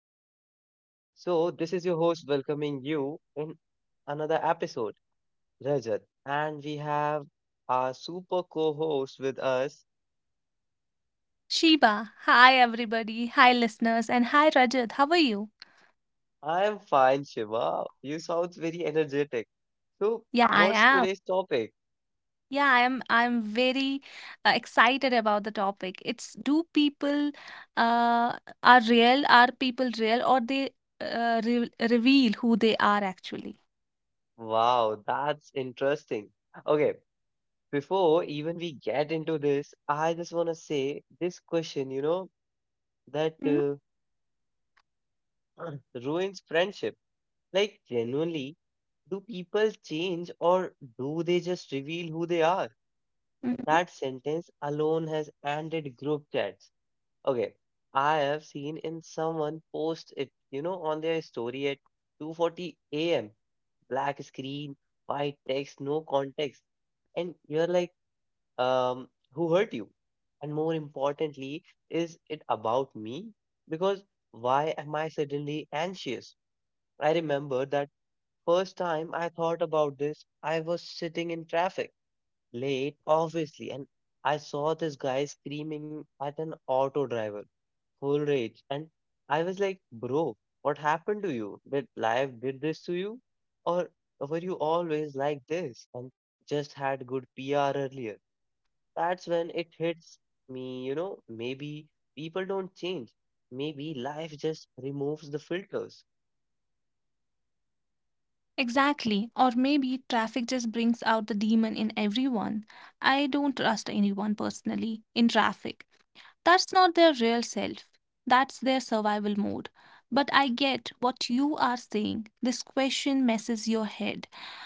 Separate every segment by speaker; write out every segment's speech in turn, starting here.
Speaker 1: podcast. So, this is your host welcoming you in another episode, Rajat. And we have our super co host with us.
Speaker 2: Sheba, hi everybody, hi listeners, and hi Rajat. How are you?
Speaker 1: I'm fine, Shiva. You sound very energetic. So,
Speaker 2: Yeah, I
Speaker 1: what's
Speaker 2: am.
Speaker 1: today's topic?
Speaker 2: I'm very excited about the topic. It's do people are real? Are people real, or they re reveal who they are actually?
Speaker 1: Wow, that's interesting. Okay, before even we get into this, I just want to say this question, you know, that
Speaker 2: Mm,
Speaker 1: ruins friendship. Like, genuinely, do people change or do they just reveal who they are?
Speaker 2: mm.
Speaker 1: That sentence alone has ended group chats. Okay, I have seen in someone post it, you know, on their story at 2:40 a.m. Black screen, white text, no context, and you're like, um, who hurt you? And more importantly, is it about me? Because why am I suddenly anxious? I remember that first time I thought about this, I was sitting in traffic, late, obviously, and I saw this guy screaming at an auto driver, full rage. And I was like, bro, what happened to you? Did life did this to you? Or were you always like this and just had good PR earlier? That's when it hits me, you know, maybe people don't change. Maybe life just removes the filters.
Speaker 2: Exactly. Or maybe traffic just brings out the demon in everyone. I don't trust anyone personally in traffic. That's not their real self. That's their survival mode. But I get what you are saying. This question messes your head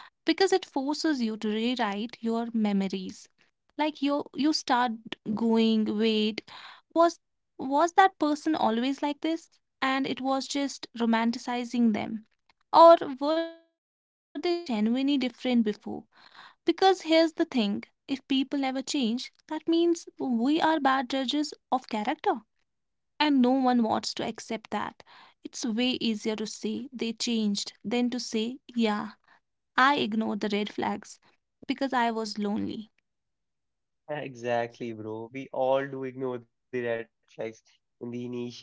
Speaker 2: because it forces you to rewrite your memories. Like you start going, wait, was was that person always like this? And it was just romanticizing them. Or were they genuinely different before? Because here's the thing: if people never change, that means we are bad judges of character. And no one wants to accept that. It's way easier to say they changed than to say, yeah, I ignored the red flags because I was lonely.
Speaker 1: Exactly, bro. We all do ignore the red flags in the initial days.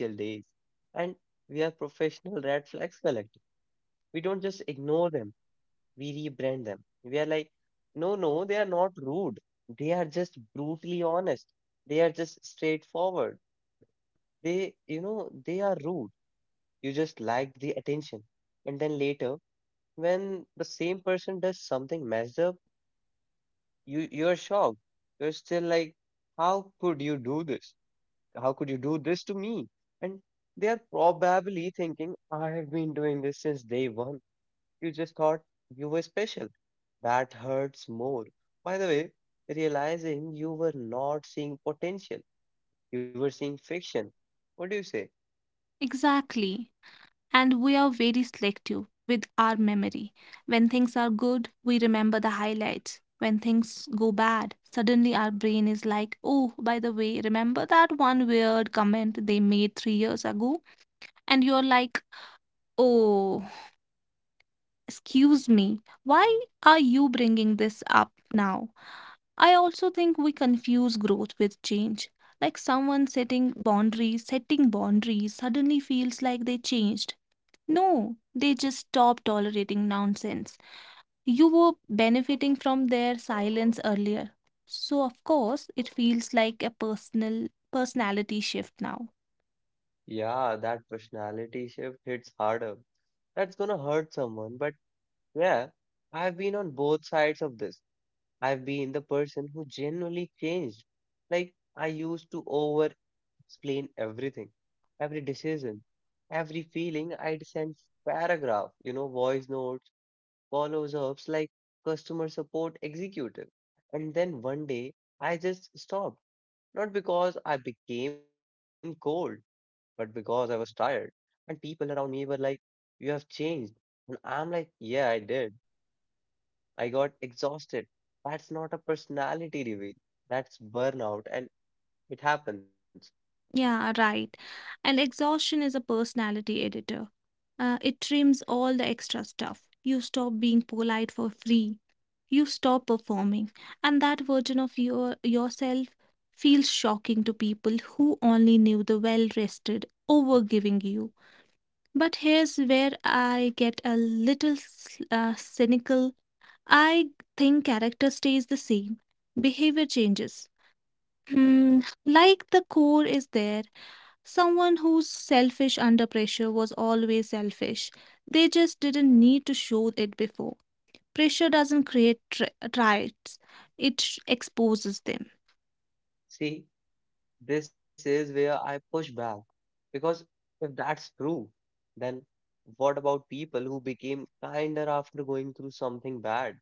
Speaker 1: And we are professional red flags collectors. We don't just ignore them, we rebrand them. We are like, no, no, they are not rude. They are just brutally honest. They are just straightforward. They, you know, they are rude. You just like the attention. And then later, when the same person does something messed up, you're shocked. You're still like, how could you do this? How could you do this to me? And they're probably thinking, I have been doing this since day one. You just thought you were special. That hurts more. By the way, realizing you were not seeing potential, you were seeing fiction. What do you say?
Speaker 2: Exactly. And we are very selective with our memory. When things are good, we remember the highlights. When things go bad, suddenly our brain is like, oh, by the way, remember that one weird comment they made 3 years ago? And you're like, oh, excuse me, why are you bringing this up now? I also think we confuse growth with change. Like someone setting boundaries, suddenly feels like they changed. No, they just stopped tolerating nonsense. You were benefiting from their silence earlier. So of course, it feels like a personality shift now.
Speaker 1: Yeah, that personality shift hits harder. That's gonna hurt someone, but yeah, I've been on both sides of this. I've been the person who genuinely changed. Like, I used to over explain everything, every decision, every feeling. I'd send paragraph, you know, voice notes, follows ups, like customer support executive. And then one day, I just stopped. Not because I became cold, but because I was tired. And people around me were like, "You have changed." And I'm like, "Yeah, I did. I got exhausted." That's not a personality reveal. That's burnout, and it happens.
Speaker 2: Yeah, right. And exhaustion is a personality editor. It trims all the extra stuff. You stop being polite for free. You stop performing. And that version of yourself feels shocking to people who only knew the well-rested, overgiving you. But here's where I get a little cynical. I think character stays the same. Behavior changes. Hmm, like the core is there. Someone who's selfish under pressure was always selfish. They just didn't need to show it before. Pressure doesn't create traits, it exposes them.
Speaker 1: See, this is where I push back. Because if that's true, then what about people who became kinder after going through something bad?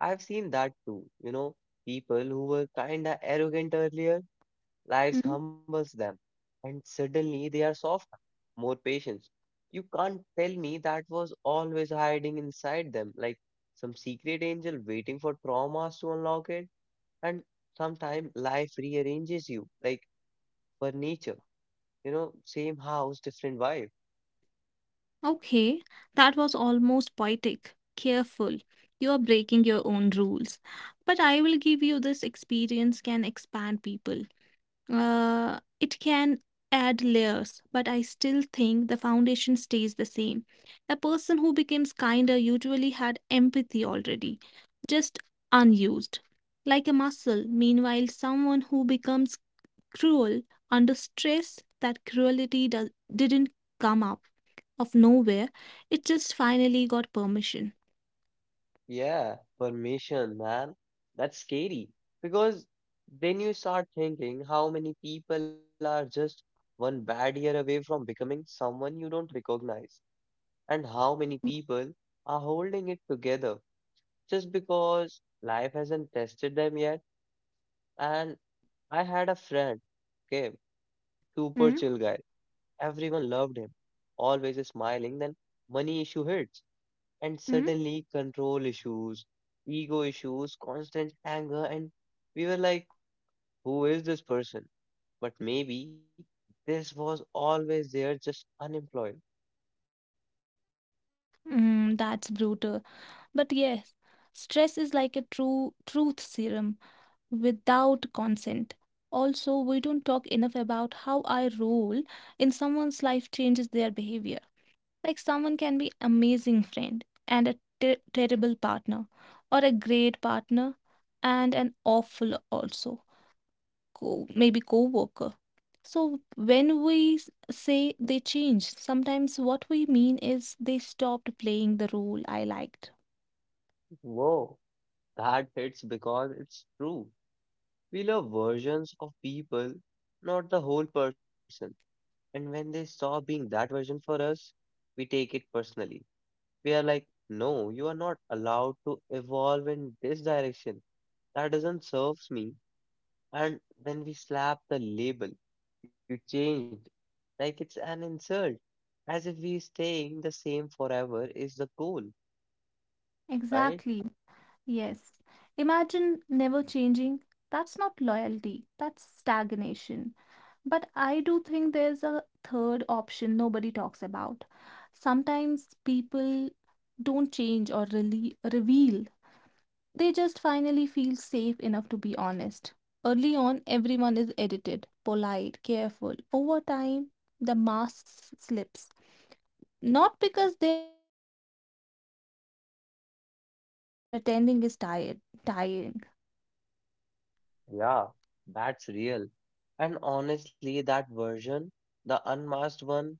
Speaker 1: I've seen that too. You know, people who were kinda arrogant earlier, life
Speaker 2: Mm,
Speaker 1: humbles them, and suddenly they are softer, more patient. You can't tell me that was always hiding inside them, like some secret angel waiting for traumas to unlock it. And sometimes life rearranges you, like furniture, you know, same house, different vibe.
Speaker 2: Okay, that was almost poetic. Careful, you are breaking your own rules. But I will give you this: experience can expand people. It can add layers, but I still think the foundation stays the same. A person who becomes kinder usually had empathy already, just unused, like a muscle. Meanwhile, someone who becomes cruel under stress, that cruelty didn't come up of nowhere, it just finally got permission.
Speaker 1: Yeah, permission, man. That's scary because then you start thinking how many people are just one bad year away from becoming someone you don't recognize, and how many people are holding it together just because life hasn't tested them yet. And I had a friend, okay, super chill guy.
Speaker 2: Hmm.
Speaker 1: Everyone loved him, always smiling. Then money issue hits, and
Speaker 2: Hmm.
Speaker 1: suddenly control issues, ego issues, constant anger, and we were like, who is this person? But maybe this was always there, just unemployed.
Speaker 2: Mm, that's brutal. But yes, stress is like a true truth serum, without consent. Also, we don't talk enough about how our role in someone's life changes their behavior. Like someone can be amazing friend and a terrible partner, or a great partner and an awful also co- maybe co-worker. So when we say they changed, sometimes what we mean is they stopped playing the role I liked.
Speaker 1: Whoa, that hits because it's true. We love versions of people, not the whole person. And when they stop being that version for us, we take it personally. We are like, no, you are not allowed to evolve in this direction. That doesn't serve me. And then we slap the label. You changed. Like it's an insult. As if we staying the same forever is the goal, right?
Speaker 2: Exactly. Yes. Imagine never changing. That's not loyalty, that's stagnation. But I do think there's a third option nobody talks about. Sometimes people don't change or really reveal. They just finally feel safe enough to be honest. Early on, everyone is edited, polite, careful. Over time, the mask slips. Not because they are fake, but because pretending is tiring.
Speaker 1: Yeah, that's real. And honestly, that version, the unmasked one,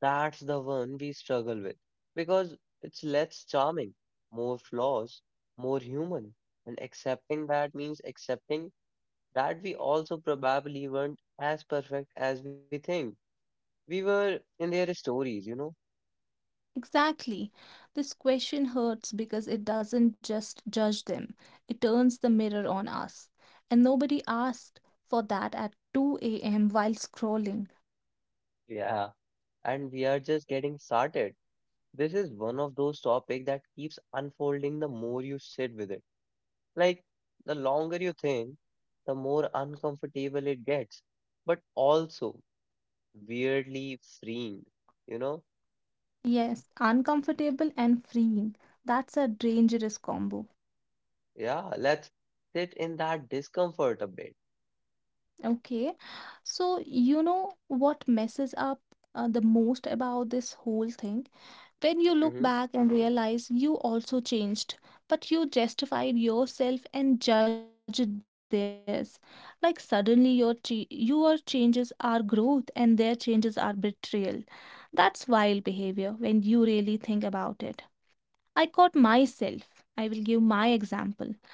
Speaker 1: that's the one we struggle with because it's less charming, more flaws, more human. And accepting that means accepting that we also probably weren't as perfect as we think we were in their stories, you know?
Speaker 2: Exactly. This question hurts because it doesn't just judge them, it turns the mirror on us. And nobody asked for that at 2 a.m. while scrolling.
Speaker 1: Yeah. And we are just getting started. This is one of those topics that keeps unfolding the more you sit with it. Like the longer you think, the more uncomfortable it gets, but also weirdly freeing, you know?
Speaker 2: Yes, uncomfortable and freeing. That's a dangerous combo.
Speaker 1: Yeah, let's sit in that discomfort a bit.
Speaker 2: Okay, so you know what messes up the most about this whole thing? When you look
Speaker 1: Hmm.
Speaker 2: back and realize you also changed, but you justified yourself and judged theirs. Like suddenly your changes are growth and their changes are betrayal. That's wild behavior when you really think about it. I caught myself. I will give my example.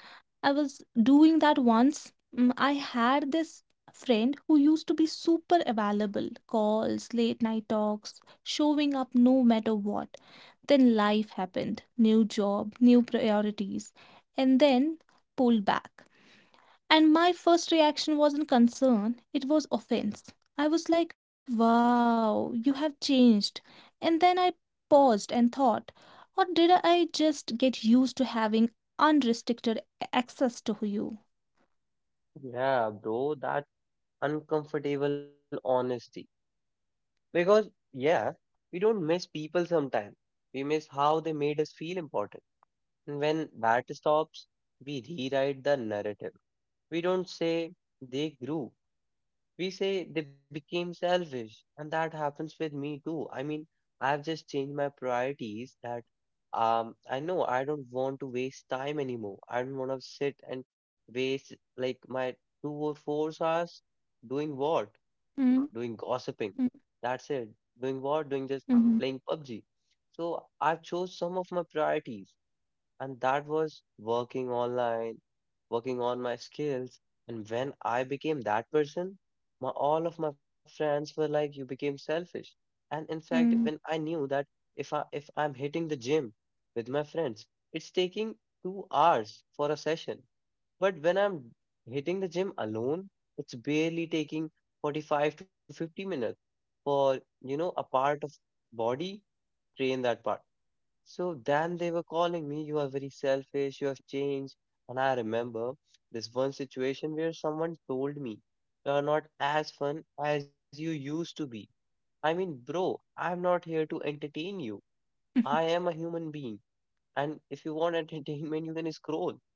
Speaker 2: I was doing that once. Mm, I had this friend who used to be super available: calls, late night talks, showing up no matter what. Then life happened: new job, new priorities, and then pulled back. And my first reaction wasn't concern, it was offense. I was like, wow, you have changed. And then I paused and thought, or did I just get used to having unrestricted access to you?
Speaker 1: Yeah, bro, that uncomfortable honesty. Because, yeah, we don't miss people sometimes. We miss how they made us feel important. And when that stops, we rewrite the narrative. We don't say they grew. We say they became selfish. And that happens with me too. I mean, I've just changed my priorities. That I know I don't want to waste time anymore. I don't want to sit and waste like my 2 or 4 hours doing what,
Speaker 2: Mm,
Speaker 1: doing
Speaker 2: mm,
Speaker 1: gossiping, that's it, doing what, doing just
Speaker 2: mhm,
Speaker 1: playing PUBG. So I chose some of my priorities, and that was working online, working on my skills. And when I became that person, my, all of my friends were like, "You became selfish." And in fact,
Speaker 2: mm,
Speaker 1: when I knew that if I'm hitting the gym with my friends, it's taking 2 hours for a session. But when I'm hitting the gym alone, it's barely taking 45 to 50 minutes for, you know, a part of body, train that part. So then they were calling me, you are very selfish, you have changed. And I remember this one situation where someone told me, you are not as fun as you used to be. I mean, bro, I'm not here to entertain you.
Speaker 2: mhm,
Speaker 1: I am a human being. And if you want entertainment, you can scroll.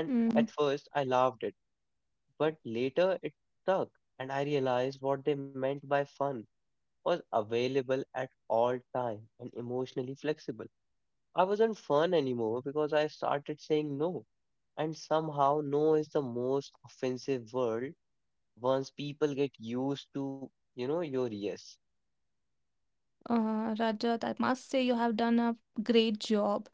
Speaker 1: And
Speaker 2: mm.
Speaker 1: at first, I laughed it. But later, it stuck. And I realized what they meant by fun was available at all time and emotionally flexible. I wasn't fun anymore because I started saying no. And somehow, no is the most offensive word once people get used to, you know, your yes.
Speaker 2: Rajat, I must say you have done a great job.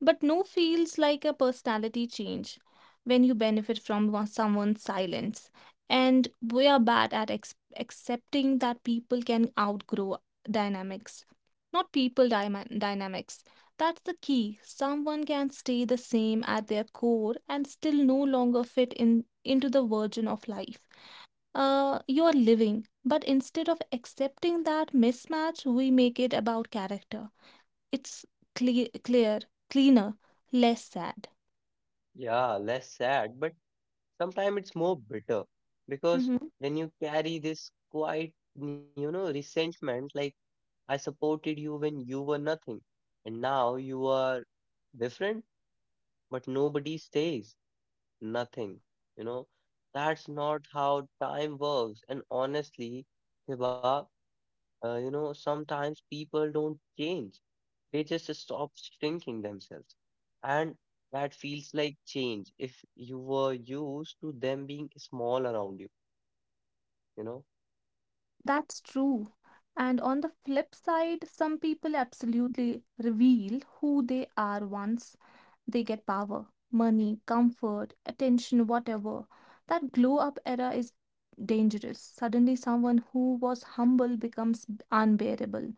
Speaker 2: But no feels like a personality change when you benefit from someone's silence. And we are bad at ex accepting that people can outgrow dynamics, not people dynamics. That's the key. Someone can stay the same at their core and still no longer fit in into the version of life you're living. But instead of accepting that mismatch, we make it about character. It's cle- clear, cleaner, less sad.
Speaker 1: Yeah, less sad, but sometimes it's more bitter because
Speaker 2: Hmm.
Speaker 1: then you carry this quite, you know, resentment like, I supported you when you were nothing, and now you are different, but nobody stays nothing. You know, that's not how time works. And honestly, Hiba, you know, sometimes people don't change, they just stop shrinking themselves. And that feels like change if you were used to them being small around you, you know?
Speaker 2: That's true. And on the flip side, some people absolutely reveal who they are once they get power, money, comfort, attention, whatever. That glow up era is dangerous. Suddenly, someone who was humble becomes unbearable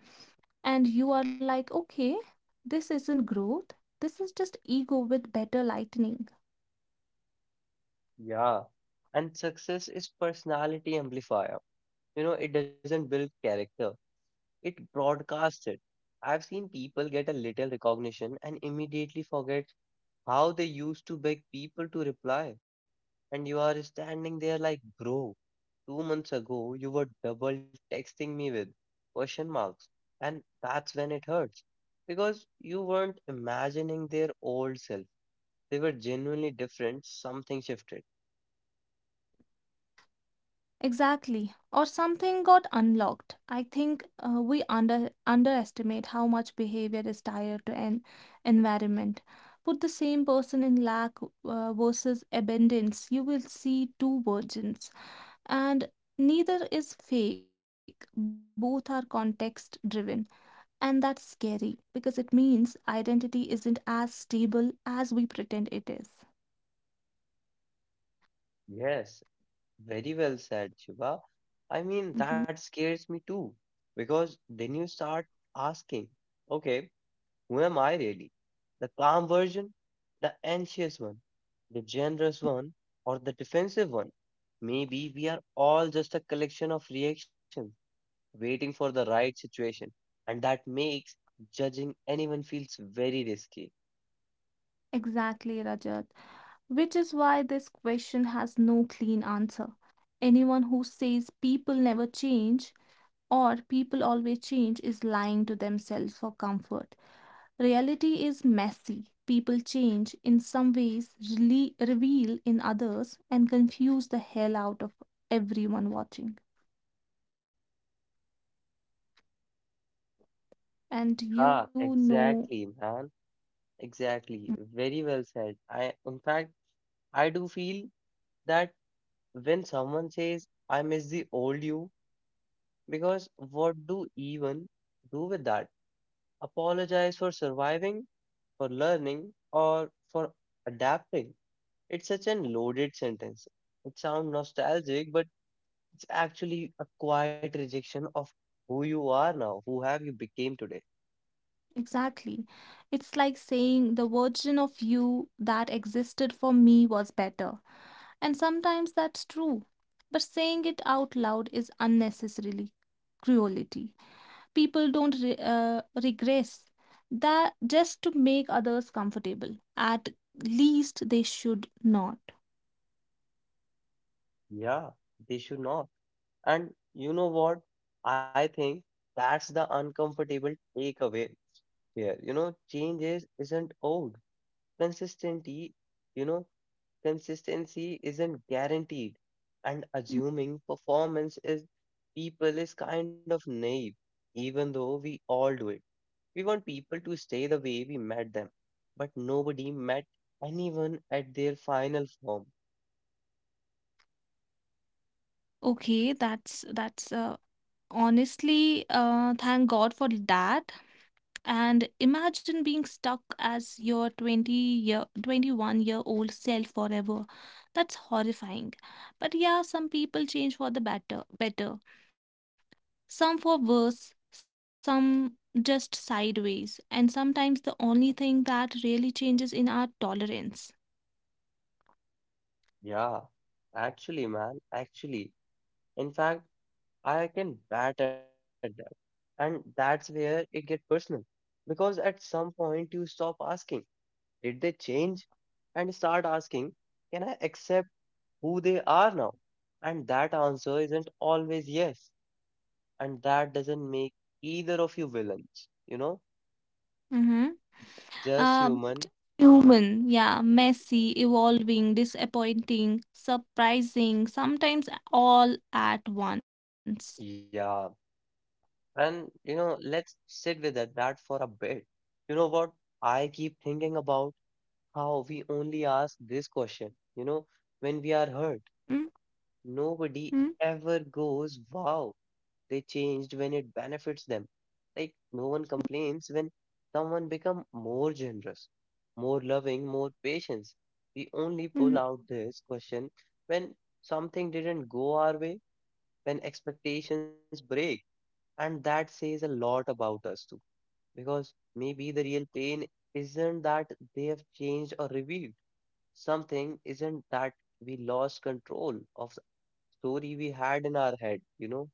Speaker 2: and you are like, okay, this isn't growth, this is just ego with better lightning.
Speaker 1: Yeah. And success is personality amplifier. You know, it doesn't build character, it broadcasts it. I've seen people get a little recognition and immediately forget how they used to beg people to reply. And you are standing there like, bro, 2 months ago you were double texting me with question marks. And that's when it hurts. Because you weren't imagining their old self. They were genuinely different. Something shifted.
Speaker 2: Exactly. Or something got unlocked. I think we underestimate how much behavior is tied to an environment. Put the same person in lack versus abundance, you will see two versions, and neither is fake. Both are context driven. And that's scary because it means identity isn't as stable as we pretend it is.
Speaker 1: Yes, very well said, Shiva. I mean,
Speaker 2: Mhm.
Speaker 1: that scares me too. Because then you start asking, okay. Who am I really? The calm version, the anxious one, the generous one, or the defensive one? Maybe we are all just a collection of reactions waiting for the right situation, and that makes judging anyone feels very risky.
Speaker 2: Exactly, Rajat. Which is why this question has no clean answer. Anyone who says people never change or people always change is lying to themselves for comfort. Reality is messy. People change in some ways, reveal in others, and confuse the hell out of everyone watching. And you
Speaker 1: Ah,
Speaker 2: know.
Speaker 1: exactly, man. Exactly. Very well said. I, in fact, I do feel that when someone says, I miss the old you, because what do even do with that? Apologize for surviving, for learning, or for adapting. It's such an loaded sentence. It sounds nostalgic, but it's actually a quiet rejection of who you are now, who have you became today.
Speaker 2: Exactly. It's like saying the version of you that existed for me was better. And sometimes that's true. But saying it out loud is unnecessarily cruelty. People don't regress that just to make others comfortable. At least they should not.
Speaker 1: Yeah, they should not. And you know what? I think that's the uncomfortable takeaway here. You know, change is isn't old. Consistency, you know, consistency isn't guaranteed, and assuming performance is people is kind of naive, even though we all do it. We want people to stay the way we met them, but nobody met anyone at their final form.
Speaker 2: Okay, that's honestly thank God for that. And imagine being stuck as your 21-year-old self forever. That's horrifying. But yeah, some people change for the better. Some for worse, some just sideways. And sometimes the only thing that really changes in our tolerance.
Speaker 1: Yeah, actually, man, actually. In fact, I can bat at that. And that's where it gets personal. Because at some point you stop asking, did they change? And start asking, can I accept who they are now? And that answer isn't always yes. And that doesn't make either of you villains, you know,
Speaker 2: Mm-hmm.
Speaker 1: just
Speaker 2: Uh,
Speaker 1: human.
Speaker 2: human, yeah, messy, evolving, disappointing, surprising, sometimes all at once.
Speaker 1: Yeah. And, you know, let's sit with that for a bit. You know what? I keep thinking about how we only ask this question, you know, when we are hurt.
Speaker 2: Mm-hmm.
Speaker 1: Nobody ever goes, wow, they changed when it benefits them. Like, no one complains when someone become more generous, more loving, more patient. We only
Speaker 2: Mm,
Speaker 1: pull out this question when something didn't go our way, when expectations break. And that says a lot about us too. Because maybe the real pain isn't that they have changed or revealed something, isn't that we lost control of story we had in our head, you know?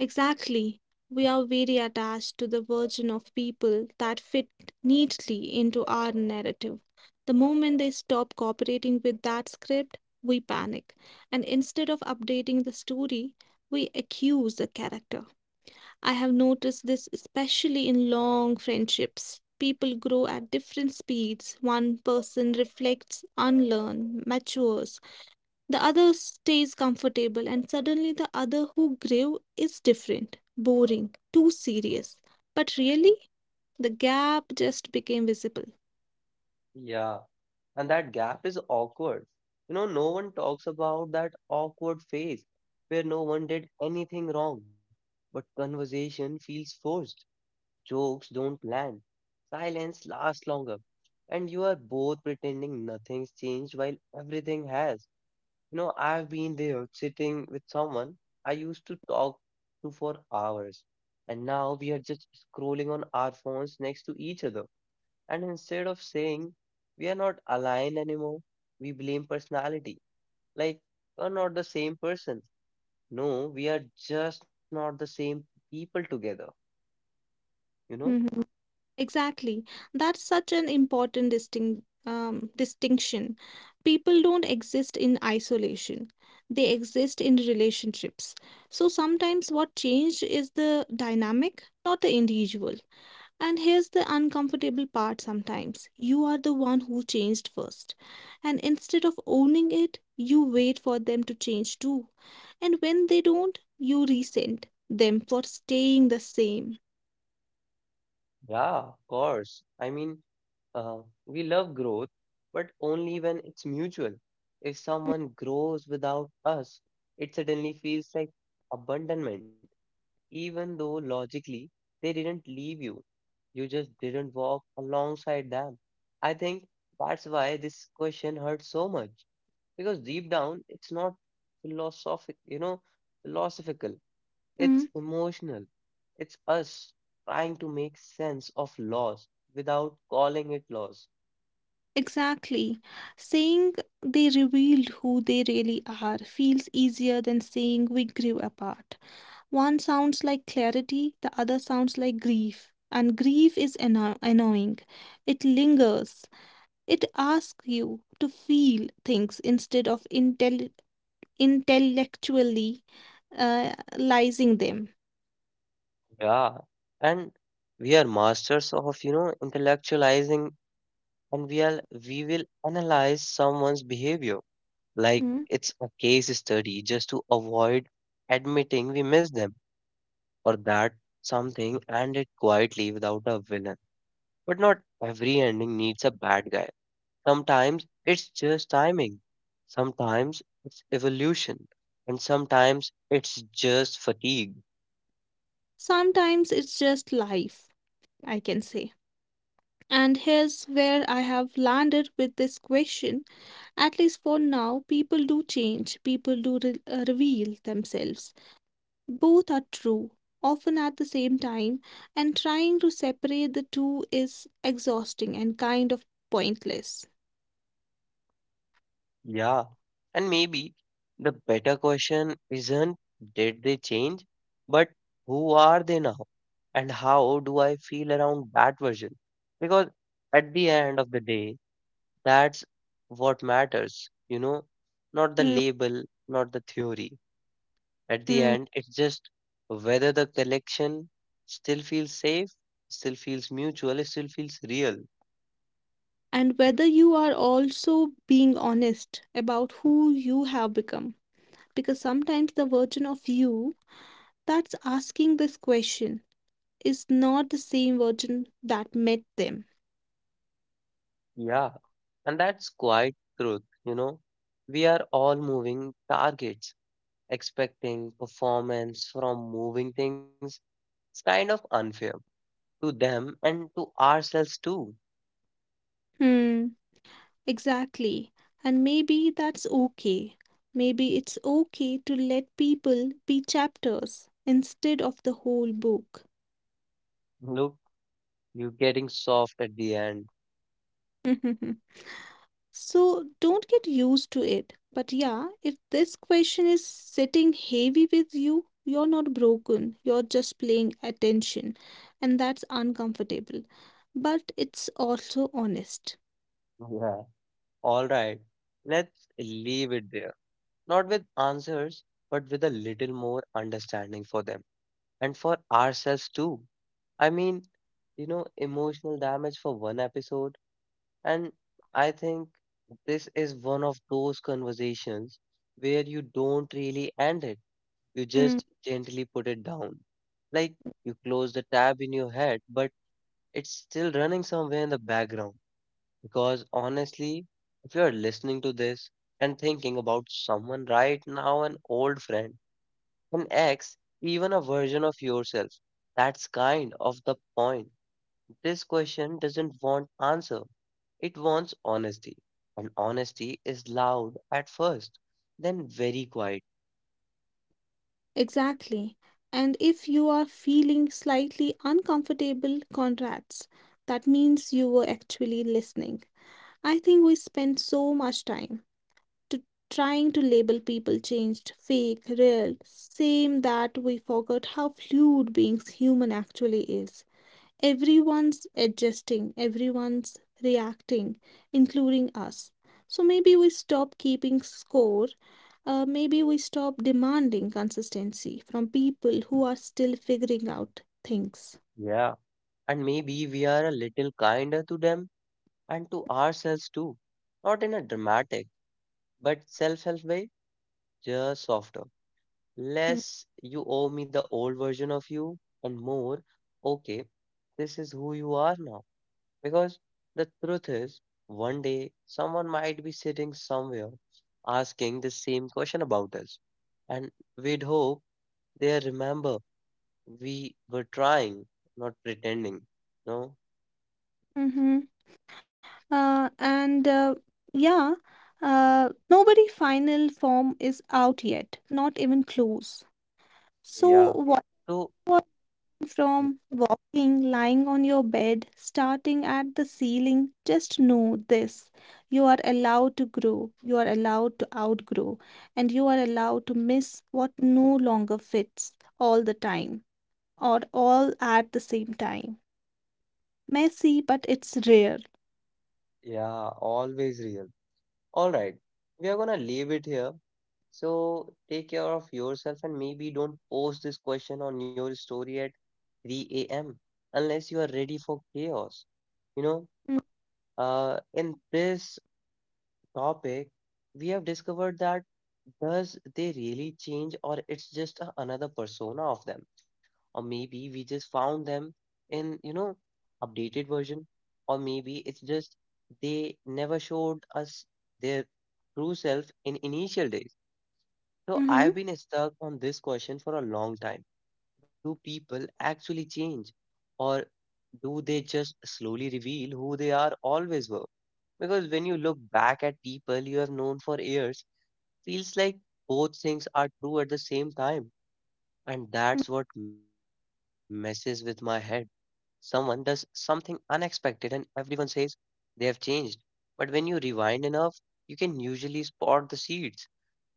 Speaker 2: exactly. We are very attached to the version of people that fit neatly into our narrative. The moment they stop cooperating with that script, we panic. And instead of updating the story, we accuse the character. I have noticed this especially in long friendships. People grow at different speeds. One person reflects, unlearns, matures. The other stays comfortable, and suddenly the other who grew is different, boring, too serious. But really, the gap just became visible.
Speaker 1: Yeah. And that gap is awkward. No one talks about that awkward phase where no one did anything wrong, but conversation feels forced. Jokes don't land. Silence lasts longer. And you are both pretending nothing's changed while everything has. I've been there sitting with someone I used to talk to for hours, and now we are just scrolling on our phones next to each other. And instead of saying we are not aligned anymore, we blame personality. Like, we're not the same person. No, we are just not the same people together, you know?
Speaker 2: Mhm. Exactly. That's such an important distinction. People don't exist in isolation. They exist in relationships. So sometimes what changed is the dynamic, not the individual. And here's the uncomfortable part sometimes. You are the one who changed first. And instead of owning it, you wait for them to change too. And when they don't, you resent them for staying the same.
Speaker 1: Yeah, of course. I mean, uh, we love growth, but only when it's mutual. If someone grows without us, it suddenly feels like abandonment, even though logically they didn't leave you. You just didn't walk alongside them. I think that's why this question hurts so much because deep down it's not philosophic, philosophical. It's
Speaker 2: Mm,
Speaker 1: emotional. It's us trying to make sense of loss without calling it loss.
Speaker 2: exactly. Saying they revealed who they really are feels easier than saying we grew apart. One sounds like clarity, the other sounds like grief. And grief is annoying. It lingers. It asks you to feel things instead of intelligently Intellectually, intellectualizing them.
Speaker 1: Yeah, and we are masters of, intellectualizing, and we will analyze someone's behavior like
Speaker 2: Mm.
Speaker 1: it's a case study just to avoid admitting we miss them, or that something ended quietly without a villain. But not every ending needs a bad guy. Sometimes it's just timing, sometimes it's evolution, and sometimes it's just fatigue.
Speaker 2: Sometimes it's just life, I can say. And here's where I have landed with this question. At least for now, people do change, people do reveal themselves. Both are true, often at the same time, and trying to separate the two is exhausting and kind of pointless.
Speaker 1: Yeah, and maybe the better question isn't did they change, but who are they now? And how do I feel around that version? Because at the end of the day, that's what matters, not the label, not the theory. At the
Speaker 2: Hmm.
Speaker 1: end, it's just whether the collection still feels safe, still feels mutual, still feels real.
Speaker 2: And whether you are also being honest about who you have become. Because sometimes the version of you that's asking this question is not the same version that met them.
Speaker 1: Yeah, and that's quite truth, We are all moving targets, expecting performance from moving things. It's kind of unfair to them and to ourselves too.
Speaker 2: Hmm, exactly. And maybe that's okay. Maybe it's okay to let people be chapters instead of the whole book.
Speaker 1: Look, you're getting soft at the end.
Speaker 2: So don't get used to it. But yeah, if this question is sitting heavy with you, you're not broken. You're just playing attention. And that's uncomfortable. But it's also honest.
Speaker 1: Yeah. All right. Let's leave it there. Not with answers, but with a little more understanding for them and for ourselves too. I mean, emotional damage for one episode. And I think this is one of those conversations where you don't really end it. You
Speaker 2: Mm.
Speaker 1: just gently put it down. Like you close the tab in your head, but it's still running somewhere in the background. Because honestly, if you're listening to this and thinking about someone right now, an old friend, an ex, even a version of yourself, that's kind of the point. This question doesn't want answer. It wants honesty. And honesty is loud at first, then very quiet.
Speaker 2: Exactly. And if you are feeling slightly uncomfortable, congrats. That means you were actually listening. I think we spend so much time to trying to label people changed, fake, real, same, that we forgot how fluid being human actually is. Everyone's adjusting, everyone's reacting, including us. So maybe we stop keeping score. Maybe we stop demanding consistency from people who are still figuring out things.
Speaker 1: Yeah. And maybe we are a little kinder to them and to ourselves too. Not in a dramatic, but self help way, just softer. Less you owe me the old version of you, and more, okay, this is who you are now. Because the truth is, one day someone might be sitting somewhere asking the same question about us, and we'd hope they remember we were trying, not pretending. No?
Speaker 2: Mm-hmm. And yeah, nobody final form is out yet, not even close.
Speaker 1: Yeah,
Speaker 2: So what
Speaker 1: so,
Speaker 2: was from walking, lying on your bed, starting at the ceiling, just know this. You are allowed to grow, you are allowed to outgrow, and you are allowed to miss what no longer fits all the time or all at the same time. Messy, but it's rare.
Speaker 1: yeah, always real. All right, we are gonna leave it here. So, take care of yourself and maybe don't post this question on your story at 3 a.m. unless you are ready for chaos. You know?
Speaker 2: Mm-hmm.
Speaker 1: In this topic, we have discovered that does they really change or it's just a, another persona of them? Or maybe we just found them in, updated version. Or maybe it's just they never showed us their true self in initial days. So
Speaker 2: Mm-hmm.
Speaker 1: I've been stuck on this question for a long time. Do people actually change? Or do they just slowly reveal who they are always were? Because when you look back at people you have known for years, feels like both things are true at the same time. And that's what messes with my head. Someone does something unexpected and everyone says they have changed. But when you rewind enough, you can usually spot the seeds.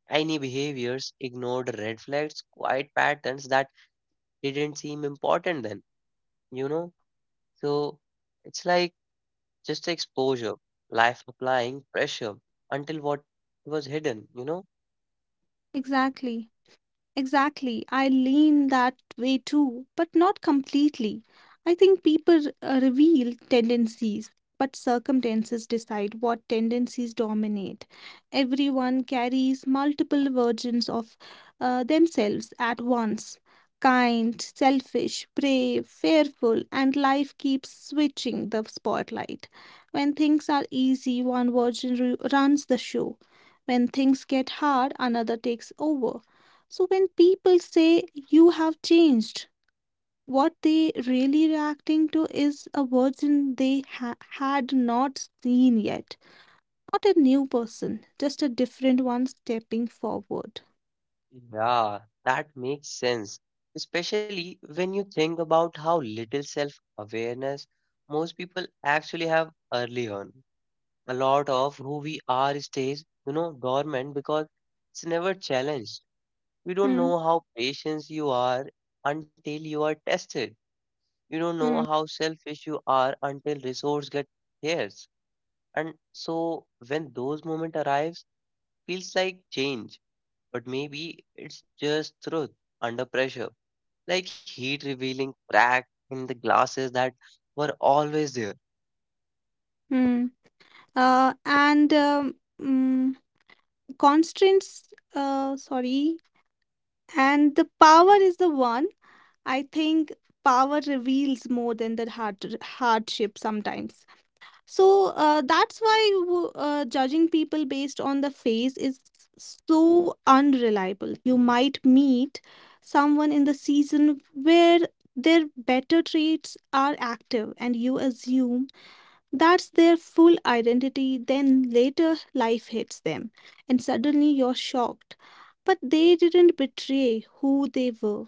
Speaker 1: Tiny behaviors, ignored red flags, quiet patterns that didn't seem important then, you know? So it's like just exposure, life applying pressure until what was hidden,
Speaker 2: Exactly. Exactly. I lean that way too, but not completely. I think people reveal tendencies, but circumstances decide what tendencies dominate. Everyone carries multiple versions of themselves at once. Kind, selfish, brave, fearful, and life keeps switching the spotlight. When things are easy, one version runs the show. When things get hard, another takes over. So when people say you have changed, what they really reacting to is a version they had not seen yet. Not a new person, just a different one stepping forward.
Speaker 1: Yeah, that makes sense. Especially when you think about how little self awareness most people actually have early on. A lot of who we are stays, dormant because it's never challenged. You don't
Speaker 2: Hmm.
Speaker 1: know how patient you are until you are tested. You don't know
Speaker 2: Hmm.
Speaker 1: how selfish you are until resource get scarce. And so when those moment arrives, feels like change, but maybe it's just truth under pressure, like heat revealing cracks in the glasses that were always there.
Speaker 2: Hmm. Uh, and um, mm, constraints. Sorry. And the power is the one. I think power reveals more than the hardship sometimes. So that's why judging people based on the face is so unreliable. You might meet someone in the season where their better traits are active, and you assume that's their full identity. Then later, life hits them, and suddenly you're shocked. But they didn't betray who they were.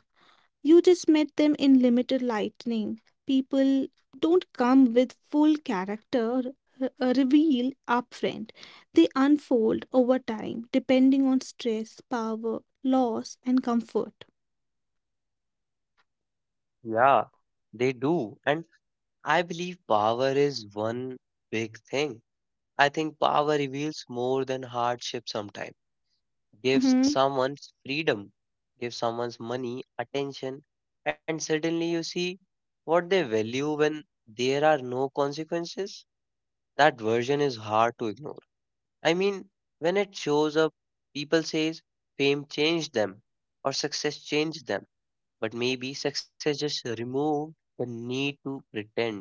Speaker 2: You just met them in limited lightning. People don't come with full character reveal upfront. They unfold over time, depending on stress, power, loss, and comfort.
Speaker 1: Yeah, they do. And I believe power is one big thing. I think power reveals more than hardship sometimes. Gives
Speaker 2: Mhm.
Speaker 1: someone's freedom, gives someone's money, attention, and suddenly you see what they value when there are no consequences. That version is hard to ignore. I mean, when it shows up, people says fame changed them or success changed them, but maybe success just removed the need to pretend.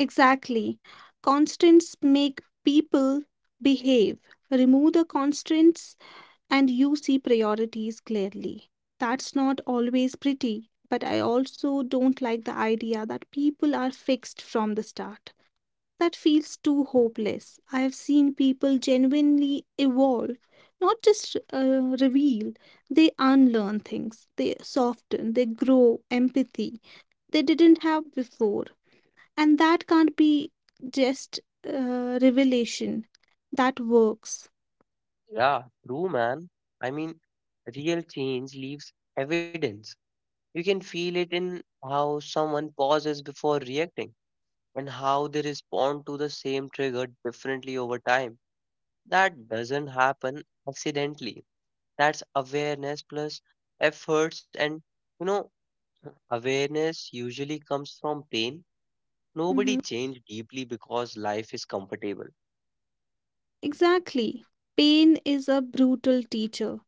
Speaker 2: Exactly. Constants make people behave. Remove the constants, and you see priorities clearly. That's not always pretty, but I also don't like the idea that people are fixed from the start. That feels too hopeless. I have seen people genuinely evolve, not just reveal. They unlearn things, they soften, they grow empathy they didn't have before. And that can't be just revelation. That works.
Speaker 1: Yeah, true man. I mean, real change leaves evidence. You can feel it in how someone pauses before reacting and how they respond to the same trigger differently over time. That doesn't happen accidentally. That's awareness plus efforts, and you know awareness usually comes from pain. Nobody
Speaker 2: Mhm.
Speaker 1: changed deeply because life is comfortable.
Speaker 2: Exactly. Pain is a brutal teacher,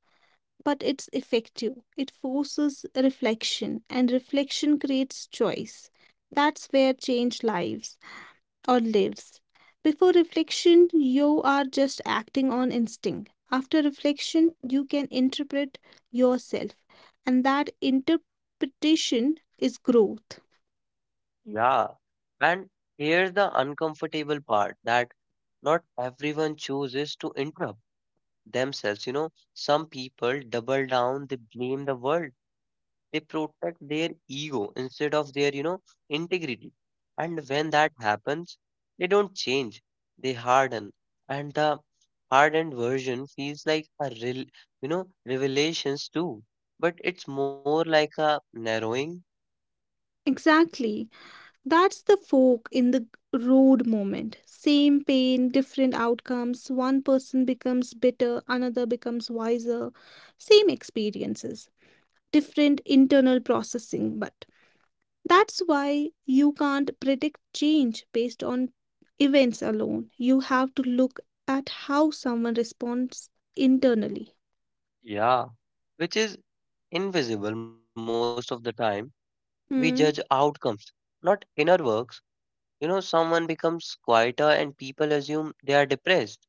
Speaker 2: but it's effective. It forces reflection, and reflection creates choice. That's where change lives. Or lives. Before reflection, you are just acting on instinct. After reflection, you can interpret yourself, and that interpretation is growth.
Speaker 1: Yeah. And here's the uncomfortable part that not everyone chooses to interrupt themselves. You know, some people double down, they blame the world, they protect their ego instead of their, integrity. And when that happens, they don't change, they harden. And the hardened version feels like a real, revelations too. But it's more like a narrowing,
Speaker 2: Exactly. That's the fork in the road moment. Same pain, different outcomes. One person becomes bitter, another becomes wiser. Same experiences, different internal processing, but that's why you can't predict change based on events alone. You have to look at how someone responds internally.
Speaker 1: yeah, which is invisible most of the time. We judge
Speaker 2: Hmm.
Speaker 1: outcomes, not inner works. You know, someone becomes quieter and people assume they are depressed.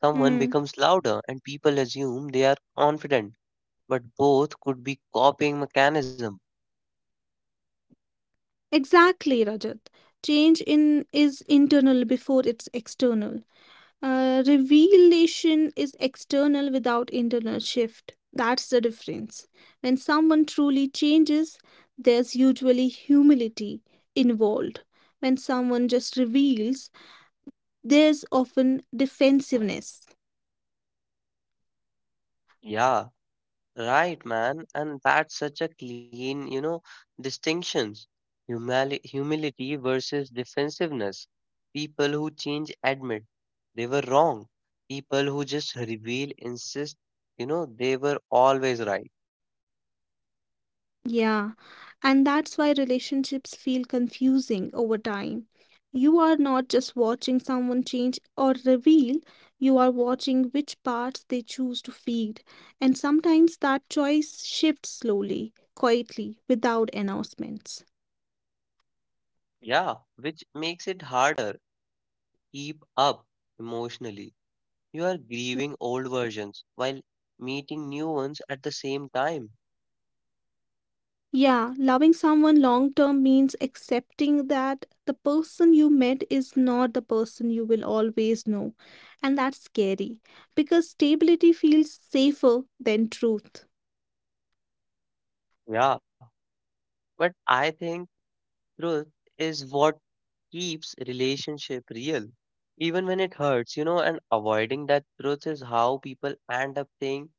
Speaker 1: Someone
Speaker 2: Hmm.
Speaker 1: becomes louder and people assume they are confident. But both could be copying mechanism.
Speaker 2: Exactly, Rajat. Change in is internal before it's external. Revelation is external without internal shift. That's the difference. When someone truly changes, there's usually humility involved. When someone just reveals, there's often defensiveness.
Speaker 1: Yeah, right, man. And that's such a clean, distinctions. Humility versus defensiveness. People who change admit they were wrong. People who just reveal insist, they were always right.
Speaker 2: Yeah. And that's why relationships feel confusing over time. You are not just watching someone change or reveal, you are watching which parts they choose to feed. And sometimes that choice shifts slowly, quietly, without announcements.
Speaker 1: Yeah, which makes it harder keep up emotionally. You are grieving old versions while meeting new ones at the same time.
Speaker 2: Yeah, loving someone long term means accepting that the person you met is not the person you will always know. And that's scary because stability feels safer than truth.
Speaker 1: Yeah, but I think truth is what keeps relationship real. Even when it hurts, and avoiding that truth is how people end up saying,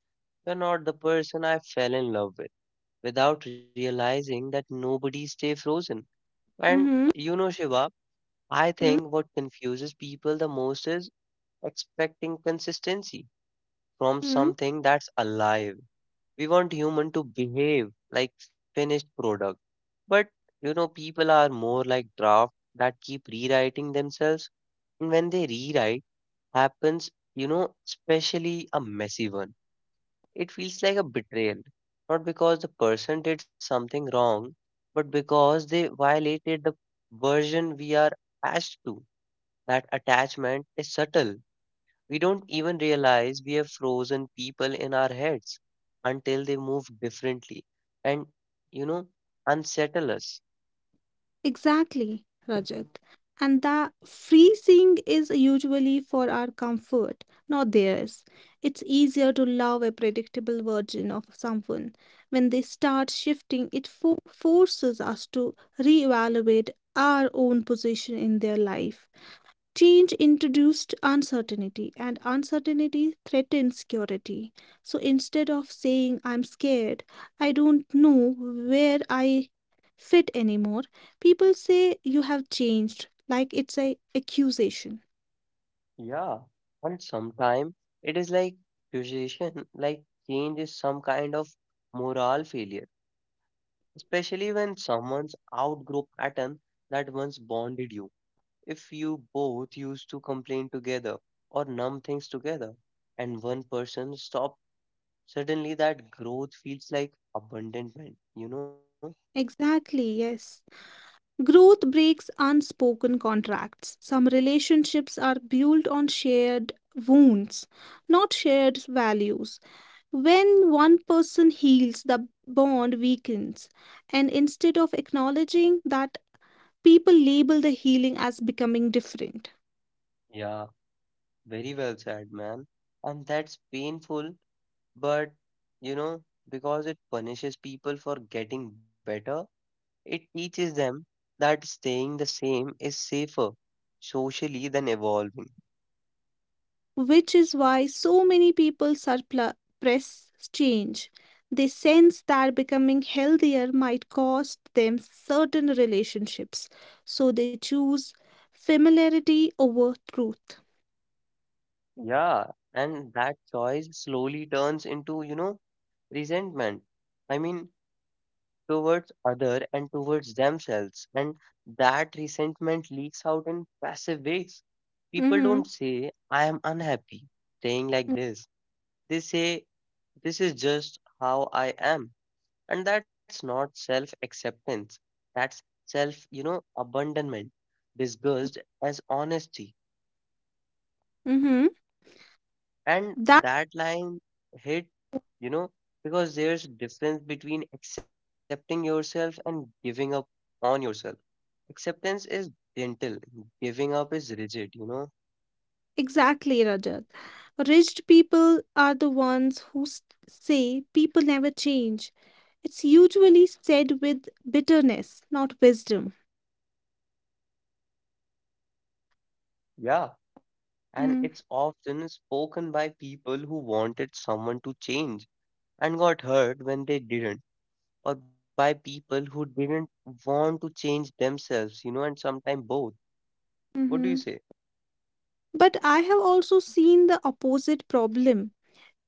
Speaker 1: "You're not the person I fell in love with," without realizing that nobody stay frozen. And
Speaker 2: Mm-hmm.
Speaker 1: you know, Shiva, I
Speaker 2: Mm-hmm.
Speaker 1: think what confuses people the most is expecting consistency from
Speaker 2: Mm-hmm.
Speaker 1: something that's alive. We want human to behave like finished product. But people are more like draft that keep rewriting themselves. And when they rewrite happens, especially a messy one. It feels like a betrayal. Not because the person did something wrong, but because they violated the version we are attached to. That attachment is subtle, we don't even realize we have frozen people in our heads until they move differently and, unsettle us.
Speaker 2: Exactly, Rajat. And the freezing is usually for our comfort, not theirs. It's easier to love a predictable version of someone. When they start shifting, it forces us to reevaluate our own position in their life. Change introduced uncertainty, and uncertainty threatens security. So instead of saying, "I'm scared, I don't know where I fit anymore," people say, "You have changed," like it's a accusation.
Speaker 1: Yeah. And sometimes it is like accusation, like change is some kind of moral failure, especially when someone's outgrow pattern that once bonded you. If you both used to complain together or numb things together, and one person stops, suddenly that growth feels like abandonment,
Speaker 2: Exactly, yes. Growth breaks unspoken contracts. Some relationships are built on shared wounds, not shared values. When one person heals, the bond weakens. And instead of acknowledging that, people label the healing as becoming different,
Speaker 1: Yeah, very well said, man. And that's painful, but you know, because it punishes people for getting better, it teaches them that staying the same is safer socially than evolving.
Speaker 2: which is why so many people suppress change. They sense that becoming healthier might cost them certain relationships, so they choose familiarity over truth.
Speaker 1: Yeah, and that choice slowly turns into, resentment. I mean, towards other and towards themselves, and that resentment leaks out in passive ways. People
Speaker 2: Mm-hmm.
Speaker 1: don't say, "I am unhappy, staying like this." They say, "This is just how I am." And that's not self acceptance. That's self, abandonment, disguised as honesty.
Speaker 2: Mm-hmm.
Speaker 1: And that line hit, you know, because there's difference between accepting yourself and giving up on yourself. Acceptance is gentle, giving up is rigid,
Speaker 2: Exactly, Rajat. Rich people are the ones who say people never change. It's usually said with bitterness, not wisdom.
Speaker 1: Yeah. And
Speaker 2: Mm.
Speaker 1: it's often spoken by people who wanted someone to change and got hurt when they didn't, or by people who didn't want to change themselves, and sometimes both. What do you
Speaker 2: Mm-hmm.
Speaker 1: say?
Speaker 2: But I have also seen the opposite problem.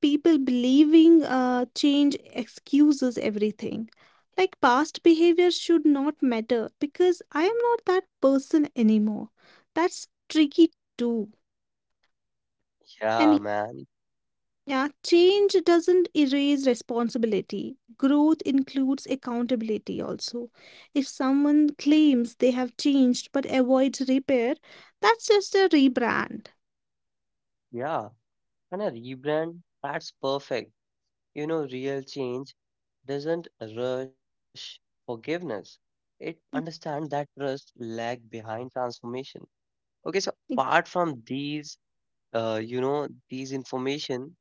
Speaker 2: People believing change excuses everything. Like past behavior should not matter because I am not that person anymore. That's tricky too. And
Speaker 1: Yeah, man.
Speaker 2: yeah, change doesn't erase responsibility. Growth includes accountability also. If someone claims they have changed but avoids repair, that's just a rebrand.
Speaker 1: Yeah. And a rebrand, that's perfect. Real change doesn't rush forgiveness. It understands that trust lag behind transformation. Okay, so
Speaker 2: Ex-
Speaker 1: apart from these, these information,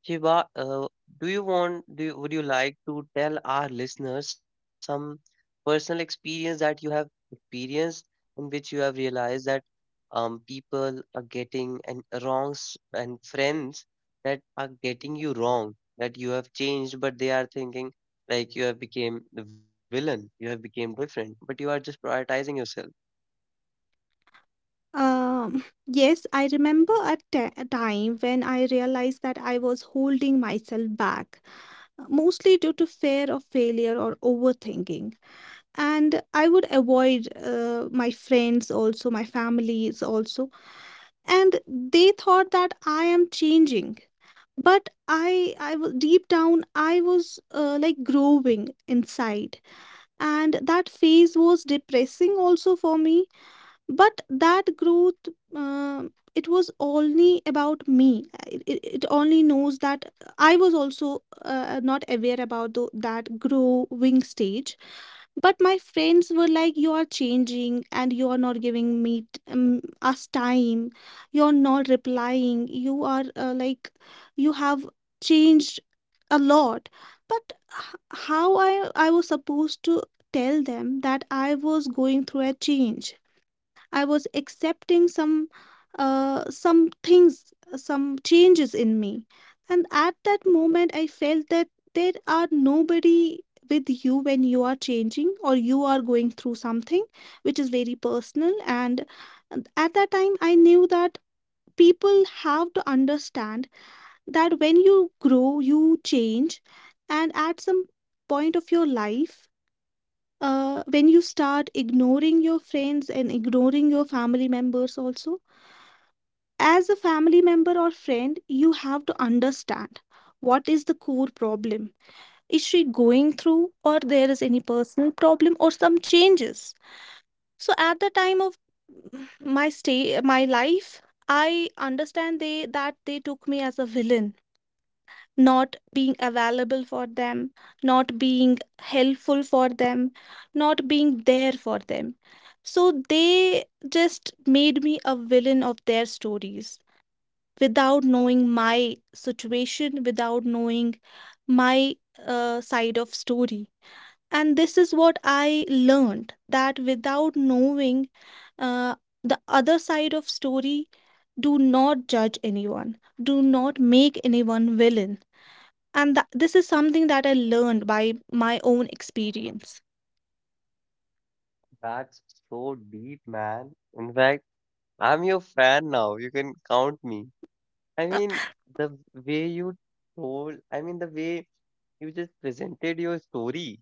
Speaker 1: Shiva, would you like to tell our listeners some personal experience that you have experienced in which you have realized that people are getting and wrongs and friends that are getting you wrong, that you have changed, but they are thinking like you have become the villain, you have become different, but you are just prioritizing yourself.
Speaker 2: Yes, I remember a, a time when I realized that I was holding myself back, mostly due to fear of failure or overthinking. And I would avoid my friends also, my families also, and they thought that I am changing, but deep down I was like growing inside, and that phase was depressing also for me. But that growth, uh, it was only about me. It it only knows that I was also not aware about that growing stage. But my friends were like, "You are changing and you are not giving us time. You are not replying. You are like you have changed a lot." But how I was supposed to tell them that I was going through a change? I was accepting some things, some changes in me. And at that moment, I felt that there are nobody with you when you are changing or you are going through something which is very personal. And at that time, I knew that people have to understand that when you grow, you change. And at some point of your life, when you start ignoring your friends and ignoring your family members also, as a family member or friend, you have to understand what is the core problem is she going through, or there is any personal problem or some changes. So at the time of my stay, my life, I understand they that they took me as a villain, not being available for them, not being helpful for them, not being there for them. So they just made me a villain of their stories without knowing my situation, without knowing my side of story. And this is what I learned, that without knowing uh, the other side of story, do not judge anyone, do not make anyone villain. And this is something that I learned by my own experience.
Speaker 1: That's so deep, man. In fact, I'm your fan now. You can count me. I
Speaker 2: Uh,
Speaker 1: mean, the way you told, I mean, the way you just presented your story,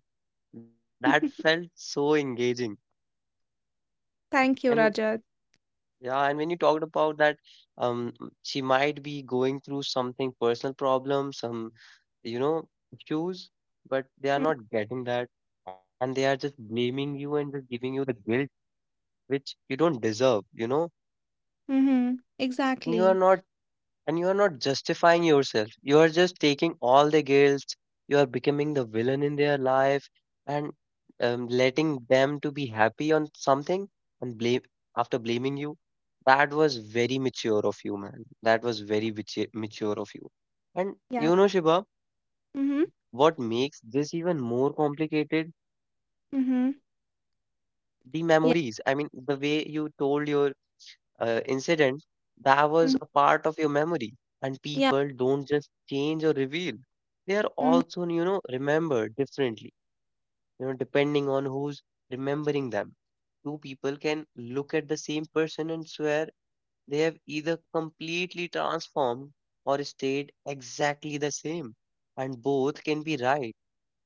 Speaker 1: that felt so engaging.
Speaker 2: thank
Speaker 1: And
Speaker 2: you, Rajat.
Speaker 1: yeah, and when you talked about that, um, she might be going through something personal problem, some, issues, but they are not getting that. And they are just blaming you and just giving you the guilt which you don't deserve,
Speaker 2: Mm-hmm.
Speaker 1: and you are
Speaker 2: Exactly.
Speaker 1: not and you are not justifying yourself. You are just taking all the guilt. You are becoming the villain in their life and letting them to be happy on something and blame after blaming you. That was very mature of you, man. That was very mature of you. And
Speaker 2: Yeah.
Speaker 1: you know, Shiva,
Speaker 2: Mm-hmm.
Speaker 1: what makes this even more complicated,
Speaker 2: Mm-hmm.
Speaker 1: the memories,
Speaker 2: Yeah.
Speaker 1: I mean, the way you told your incident, that
Speaker 2: Mhm.
Speaker 1: was a part of your memory. And
Speaker 2: Yeah.
Speaker 1: people don't just change or reveal. They are
Speaker 2: Mhm.
Speaker 1: also, you know, remembered differently, you know, depending on who's remembering them. Two people can look at the same person and swear they have either completely transformed or stayed exactly the same, and both can be right,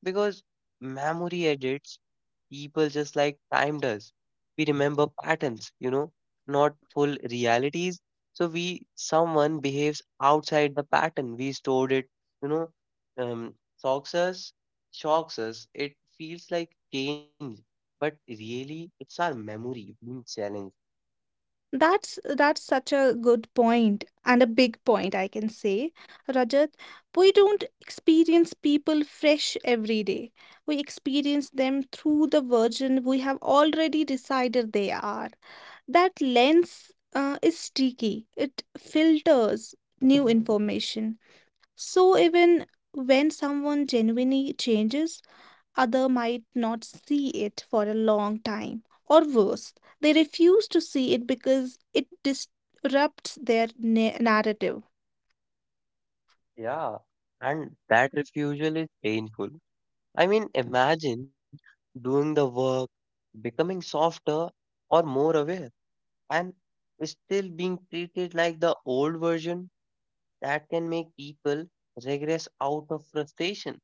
Speaker 1: because memory edits people just like time does. We remember patterns, you know, not full realities. So we, someone behaves outside the pattern. We stored it, you know, um, shocks us, shocks us. It feels like change, but really it's our memory being challenged.
Speaker 2: That's such a good point and a big point, I can say, Rajat. We don't experience people fresh every day. We experience them through the version we have already decided they are. That lens is tricky. It filters new information. So even when someone genuinely changes, other might not see it for a long time, or worse, they refuse to see it because it disrupts their narrative.
Speaker 1: Yeah, and that refusal is painful. I mean, imagine doing the work, becoming softer or more aware, and still being treated like the old version. That can make people regress out of frustration.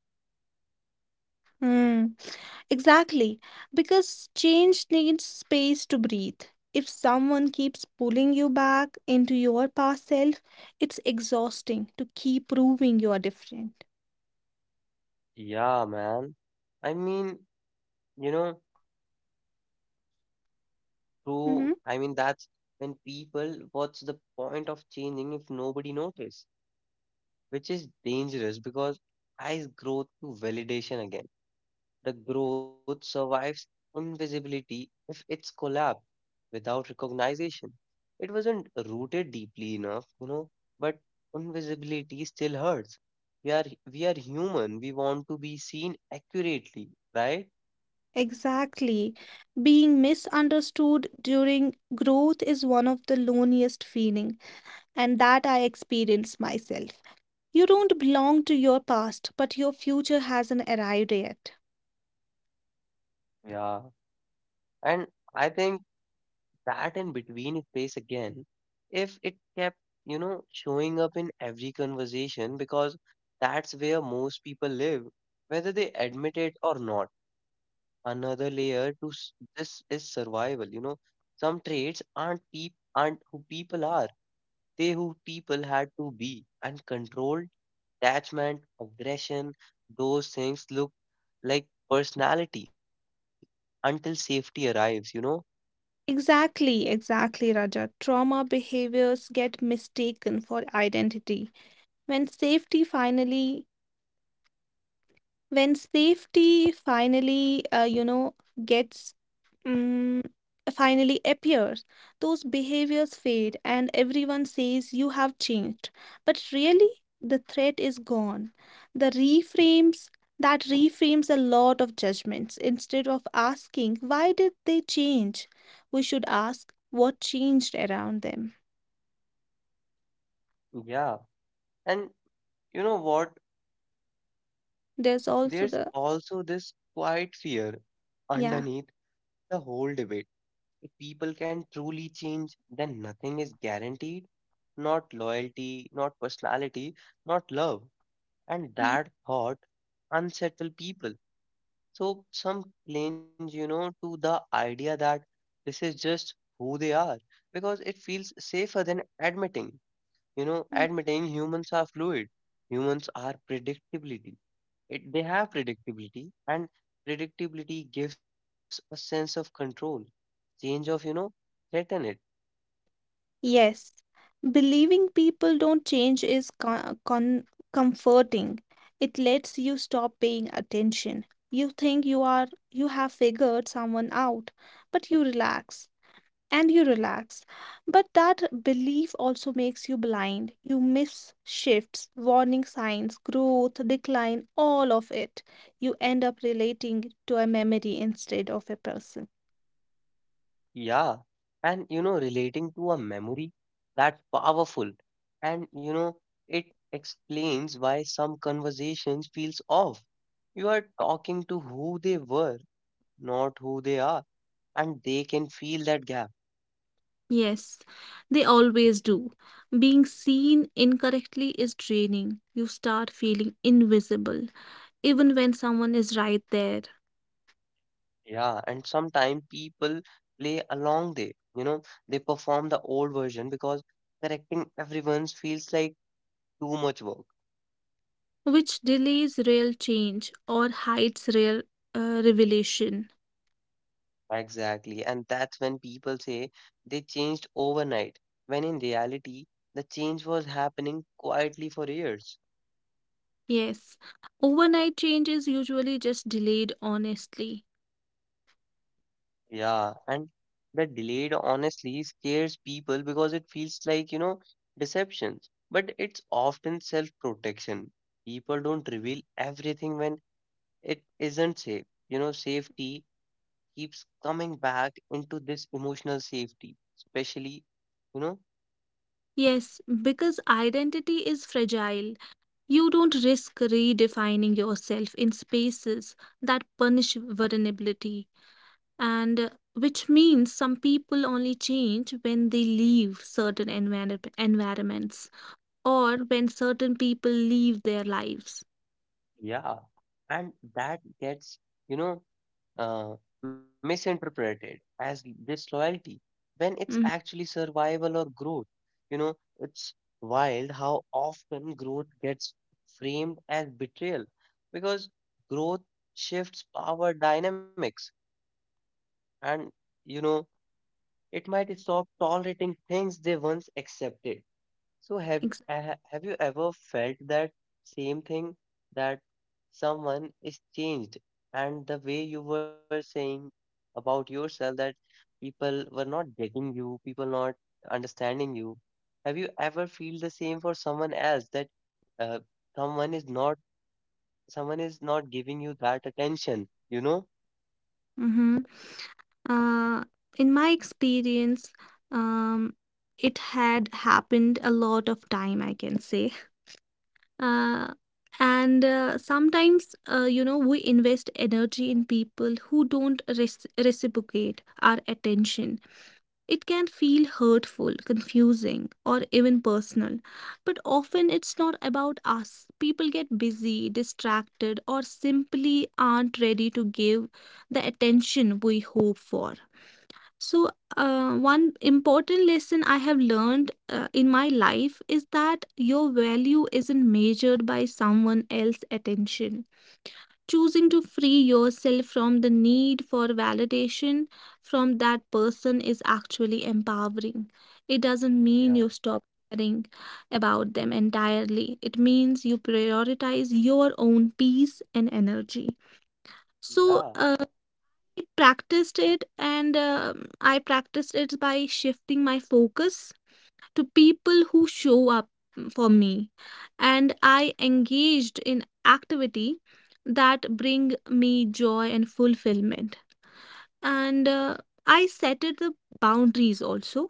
Speaker 2: Hmm. Exactly, because change needs space to breathe. If someone keeps pulling you back into your past self, it's exhausting to keep proving you are different.
Speaker 1: Yeah, man. I mean, you know, through,
Speaker 2: Mhm.
Speaker 1: I mean, that's when people, what's the point of changing if nobody notice, which is dangerous because eyes grow through validation again. The growth survives invisibility if it's collapsed without recognition. It wasn't rooted deeply enough, you know, but invisibility still hurts. We are we are human. We want to be seen accurately, right?
Speaker 2: Exactly. Being misunderstood during growth is one of the loneliest feelings, and that I experienced myself. You don't belong to your past, but your future hasn't arrived yet.
Speaker 1: Yeah. And I think that in between space again, if it kept, you know, showing up in every conversation because that's where most people live, whether they admit it or not, another layer to this is survival, you know. Some traits aren't who people are. They who people had to be. And control, attachment, aggression, those things look like personality until safety arrives, you know.
Speaker 2: Exactly, exactly, Raja. Trauma behaviors get mistaken for identity. When safety finally when safety finally you know gets um, finally appears, those behaviors fade and everyone says you have changed, but really the threat is gone. The reframes that reframes a lot of judgments. Instead of asking why did they change, we should ask what changed around them.
Speaker 1: Yeah, and you know what,
Speaker 2: There's also
Speaker 1: there's
Speaker 2: the
Speaker 1: also this quiet fear underneath
Speaker 2: yeah.
Speaker 1: the whole debate. If people can truly change, then nothing is guaranteed. Not loyalty, not personality, not love. And that thought unsettle people. So some cling, you know, to the idea that this is just who they are because it feels safer than admitting, you know,
Speaker 2: Mhm.
Speaker 1: admitting humans are fluid. Humans are predictability. It, they have predictability, and predictability gives a sense of control. Change of, you know, threaten it.
Speaker 2: Yes, believing people don't change is comforting. It lets you stop paying attention. You think you are you have figured someone out, but you relax and you relax. But that belief also makes you blind. You miss shifts, warning signs, growth, decline, all of it. You end up relating to a memory instead of a person.
Speaker 1: Yeah, and you know, relating to a memory, that's powerful, and you know, it explains why some conversations feels off. You are talking to who they were, not who they are, and they can feel that gap.
Speaker 2: Yes, they always do. Being seen incorrectly is draining. You start feeling invisible, even when someone is right there,
Speaker 1: Yeah, and sometimes people play along there. You know, they perform the old version because correcting everyone's feels like too much work.
Speaker 2: which delays real change or hides real revelation.
Speaker 1: Exactly. And that's when people say they changed overnight, when in reality, the change was happening quietly for years.
Speaker 2: Yes, overnight change is usually just delayed honestly.
Speaker 1: Yeah. And the delayed honestly scares people because it feels like, you know, deceptions. But it's often self-protection. People don't reveal everything when it isn't safe. You know, safety keeps coming back into this, emotional safety especially, you know.
Speaker 2: Yes, because identity is fragile. You don't risk redefining yourself in spaces that punish vulnerability, and which means some people only change when they leave certain environments, or when certain people leave their lives.
Speaker 1: Yeah, and that gets, you know, uh, misinterpreted as disloyalty when it's
Speaker 2: Mhm,
Speaker 1: actually survival or growth. You know, it's wild how often growth gets framed as betrayal, because growth shifts power dynamics and, you know, it might stop tolerating things they once accepted. So
Speaker 2: ex-
Speaker 1: have you ever felt that same thing, that someone is changed, and the way you were saying about yourself, that people were not getting you, people not understanding you. Have you ever feel the same for someone else, that uh, someone is not someone is not giving you that attention, you know?
Speaker 2: mhm. Uh, in my experience, um, it had happened a lot of time, I can say. Uh, and sometimes, you know, we invest energy in people who don't reciprocate our attention. It can feel hurtful, confusing, or even personal, but often it's not about us. People get busy, distracted, or simply aren't ready to give the attention we hope for. So, one important lesson I have learned in my life is that your value isn't measured by someone else's attention. Choosing to free yourself from the need for validation from that person is actually empowering. It doesn't
Speaker 1: Yeah,
Speaker 2: mean you stop caring about them entirely, it means you prioritize your own peace and energy. So,
Speaker 1: yeah,
Speaker 2: I practiced it by shifting my focus to people who show up for me, and I engaged in activity that bring me joy and fulfillment. And I set it the boundaries also.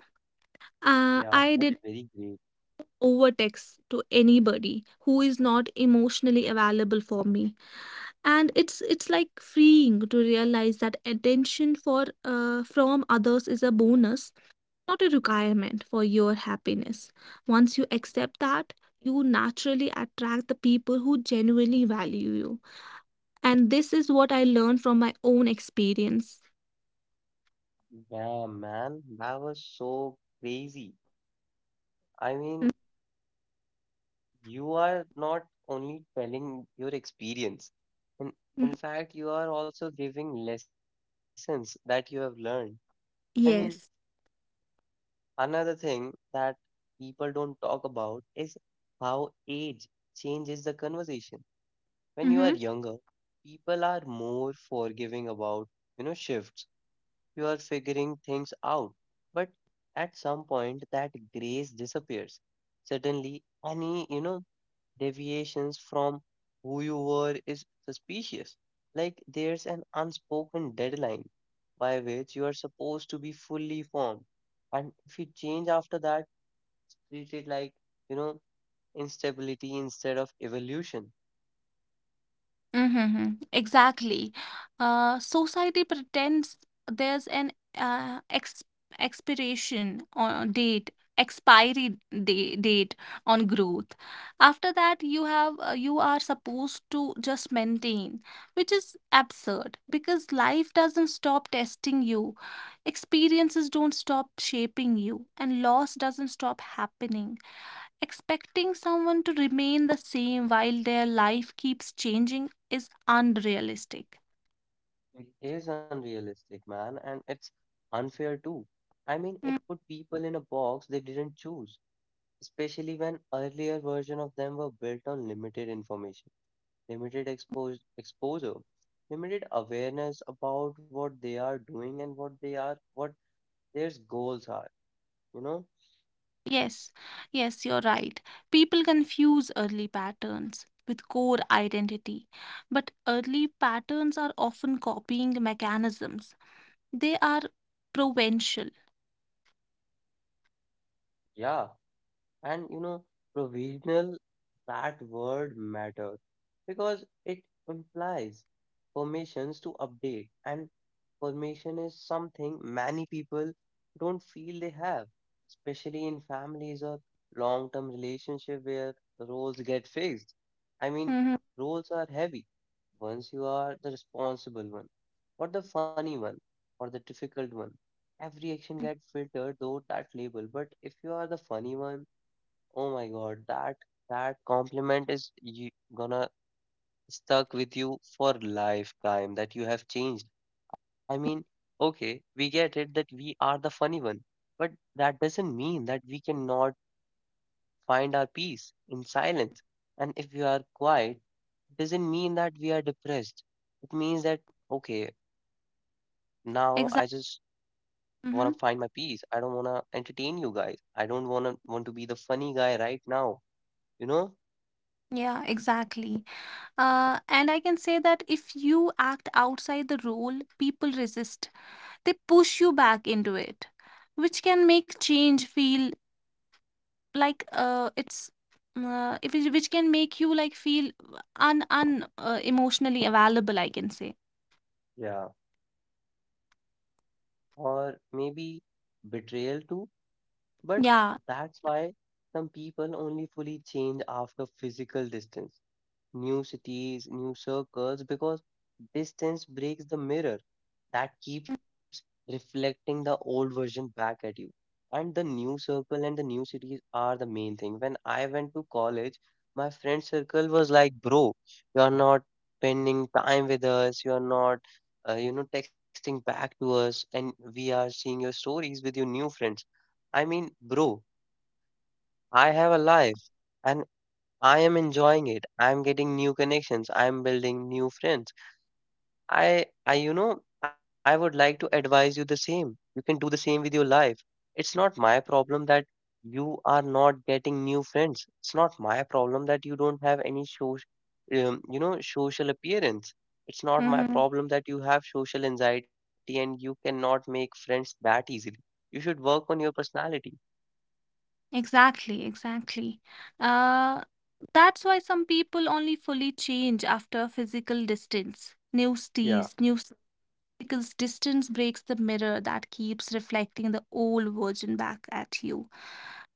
Speaker 2: Uh,
Speaker 1: yeah,
Speaker 2: I
Speaker 1: that's
Speaker 2: did
Speaker 1: very great.
Speaker 2: overtext to anybody who is not emotionally available for me. And it's like freeing to realize that attention for from others is a bonus, not a requirement for your happiness. Once you accept that, you naturally attract the people who genuinely value you. And this is what I learned from my own experience.
Speaker 1: Yeah, man, that was so crazy. I mean, you are not only telling your experience, in, in
Speaker 2: Mhm.
Speaker 1: fact, you are also giving lessons that you have learned. I mean,
Speaker 2: Yes.
Speaker 1: another thing that people don't talk about is how age changes the conversation. When you are
Speaker 2: Hmm.
Speaker 1: younger, people are more forgiving about, you know, shifts. You are figuring things out. But at some point, that grace disappears. Suddenly, any, you know, deviations from who you were is suspicious. Like there's an unspoken deadline by which you are supposed to be fully formed. And if you change after that, treat it like, you know, instability instead of evolution.
Speaker 2: Mm-hmm. Exactly. Society pretends there's an ex expiration on date, expiry day, date on growth. After that, you have you are supposed to just maintain, which is absurd because life doesn't stop testing you, experiences don't stop shaping you, and loss doesn't stop happening. Expecting someone to remain the same while their life keeps changing is unrealistic.
Speaker 1: It is unrealistic, man, and it's unfair too. I mean, it
Speaker 2: Mm.
Speaker 1: put people in a box they didn't choose, especially when earlier version of them were built on limited information. Limited exposure, limited awareness about what they are doing and what they are, what their goals are, you know?
Speaker 2: Yes, yes, you're right. People confuse early patterns with core identity, but early patterns are often copying mechanisms. They are provincial.
Speaker 1: Yeah. And you know, provisional, that word matters because it implies permissions to update, and permission is something many people don't feel they have, especially in families or long-term relationship where roles get fixed. I mean,
Speaker 2: Mm-hmm.
Speaker 1: roles are heavy. Once you are the responsible one, or the funny one, or the difficult one, every action gets filtered though that label. But if you are the funny one, oh my God, that compliment is you gonna stuck with you for lifetime, that you have changed. I mean, okay, we get it that we are the funny one, but that doesn't mean that we cannot find our peace in silence. And if we are quiet, it doesn't mean that we are depressed. It means that, okay, now I just
Speaker 2: Exactly.
Speaker 1: want to find my peace. I don't want to entertain you guys. I don't want to be the funny guy right now, you know?
Speaker 2: Yeah, exactly. And I can say that if you act outside the role, people resist, they push you back into it, which can make change feel like it's if it- which can make you like feel un un emotionally available, I can say.
Speaker 1: Yeah. Or maybe betrayal too. But
Speaker 2: Yeah.
Speaker 1: that's why some people only fully change after physical distance, new cities, new circles, because distance breaks the mirror that keeps reflecting the old version back at you. And the new circle and the new cities are the main thing. When I went to college, my friend circle was like, bro, you're not spending time with us, you're not, you know, texting back to us, and we are seeing your stories with your new friends. I mean, bro, I have a life. And I am enjoying it. I'm getting new connections. I'm building new friends. You know, I would like to advise you the same. You can do the same with your life. It's not my problem that you are not getting new friends. It's not my problem that you don't have any social, you know, social appearance. It's not my
Speaker 2: Mm-hmm.
Speaker 1: problem that you have social anxiety and you cannot make friends that easily. You should work on your personality.
Speaker 2: Exactly, exactly. Uh, that's why some people only fully change after physical distance, new
Speaker 1: Yeah,
Speaker 2: steez, new, because distance breaks the mirror that keeps reflecting the old version back at you.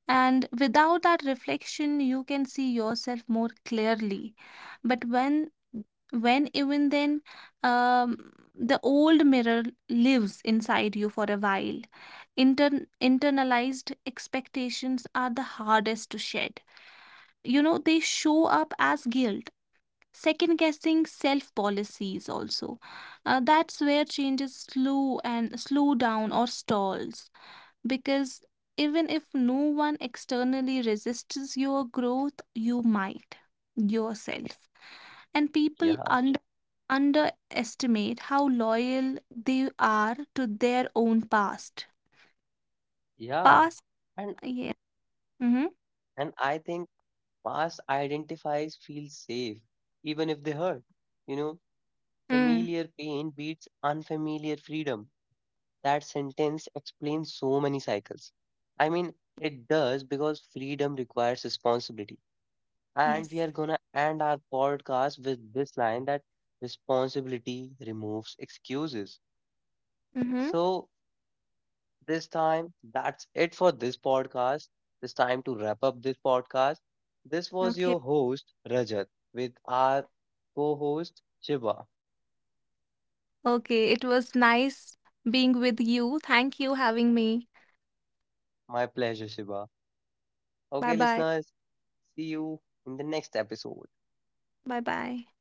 Speaker 2: And without that reflection, you can see yourself more clearly. But when even then, um, the old mirror lives inside you for a while. Internalized expectations are the hardest to shed. You know, they show up as guilt, second guessing, self policies also. That's where changes slow down or stalls, because even if no one externally resists your growth, you might yourself. And people
Speaker 1: yeah,
Speaker 2: underestimate how loyal they are to their own past
Speaker 1: yeah.
Speaker 2: past
Speaker 1: And
Speaker 2: Yeah. Mm-hmm.
Speaker 1: and I think past identifies feel safe, even if they hurt. You know,
Speaker 2: Mm.
Speaker 1: familiar pain beats unfamiliar freedom. That sentence explains so many cycles. I mean, it does, because freedom requires responsibility. And we
Speaker 2: Yes.
Speaker 1: are gonna end our podcast with this line, that responsibility removes excuses.
Speaker 2: Mm-hmm.
Speaker 1: So, this time, that's it for this podcast. This time to wrap up this podcast. This was your
Speaker 2: Okay.
Speaker 1: host, Rajat, with our co host, Shiva.
Speaker 2: Okay, it was nice being with you. Thank you having me.
Speaker 1: My pleasure, Shiva. Okay,
Speaker 2: Bye bye.
Speaker 1: listeners, see you in the next episode.
Speaker 2: Bye bye.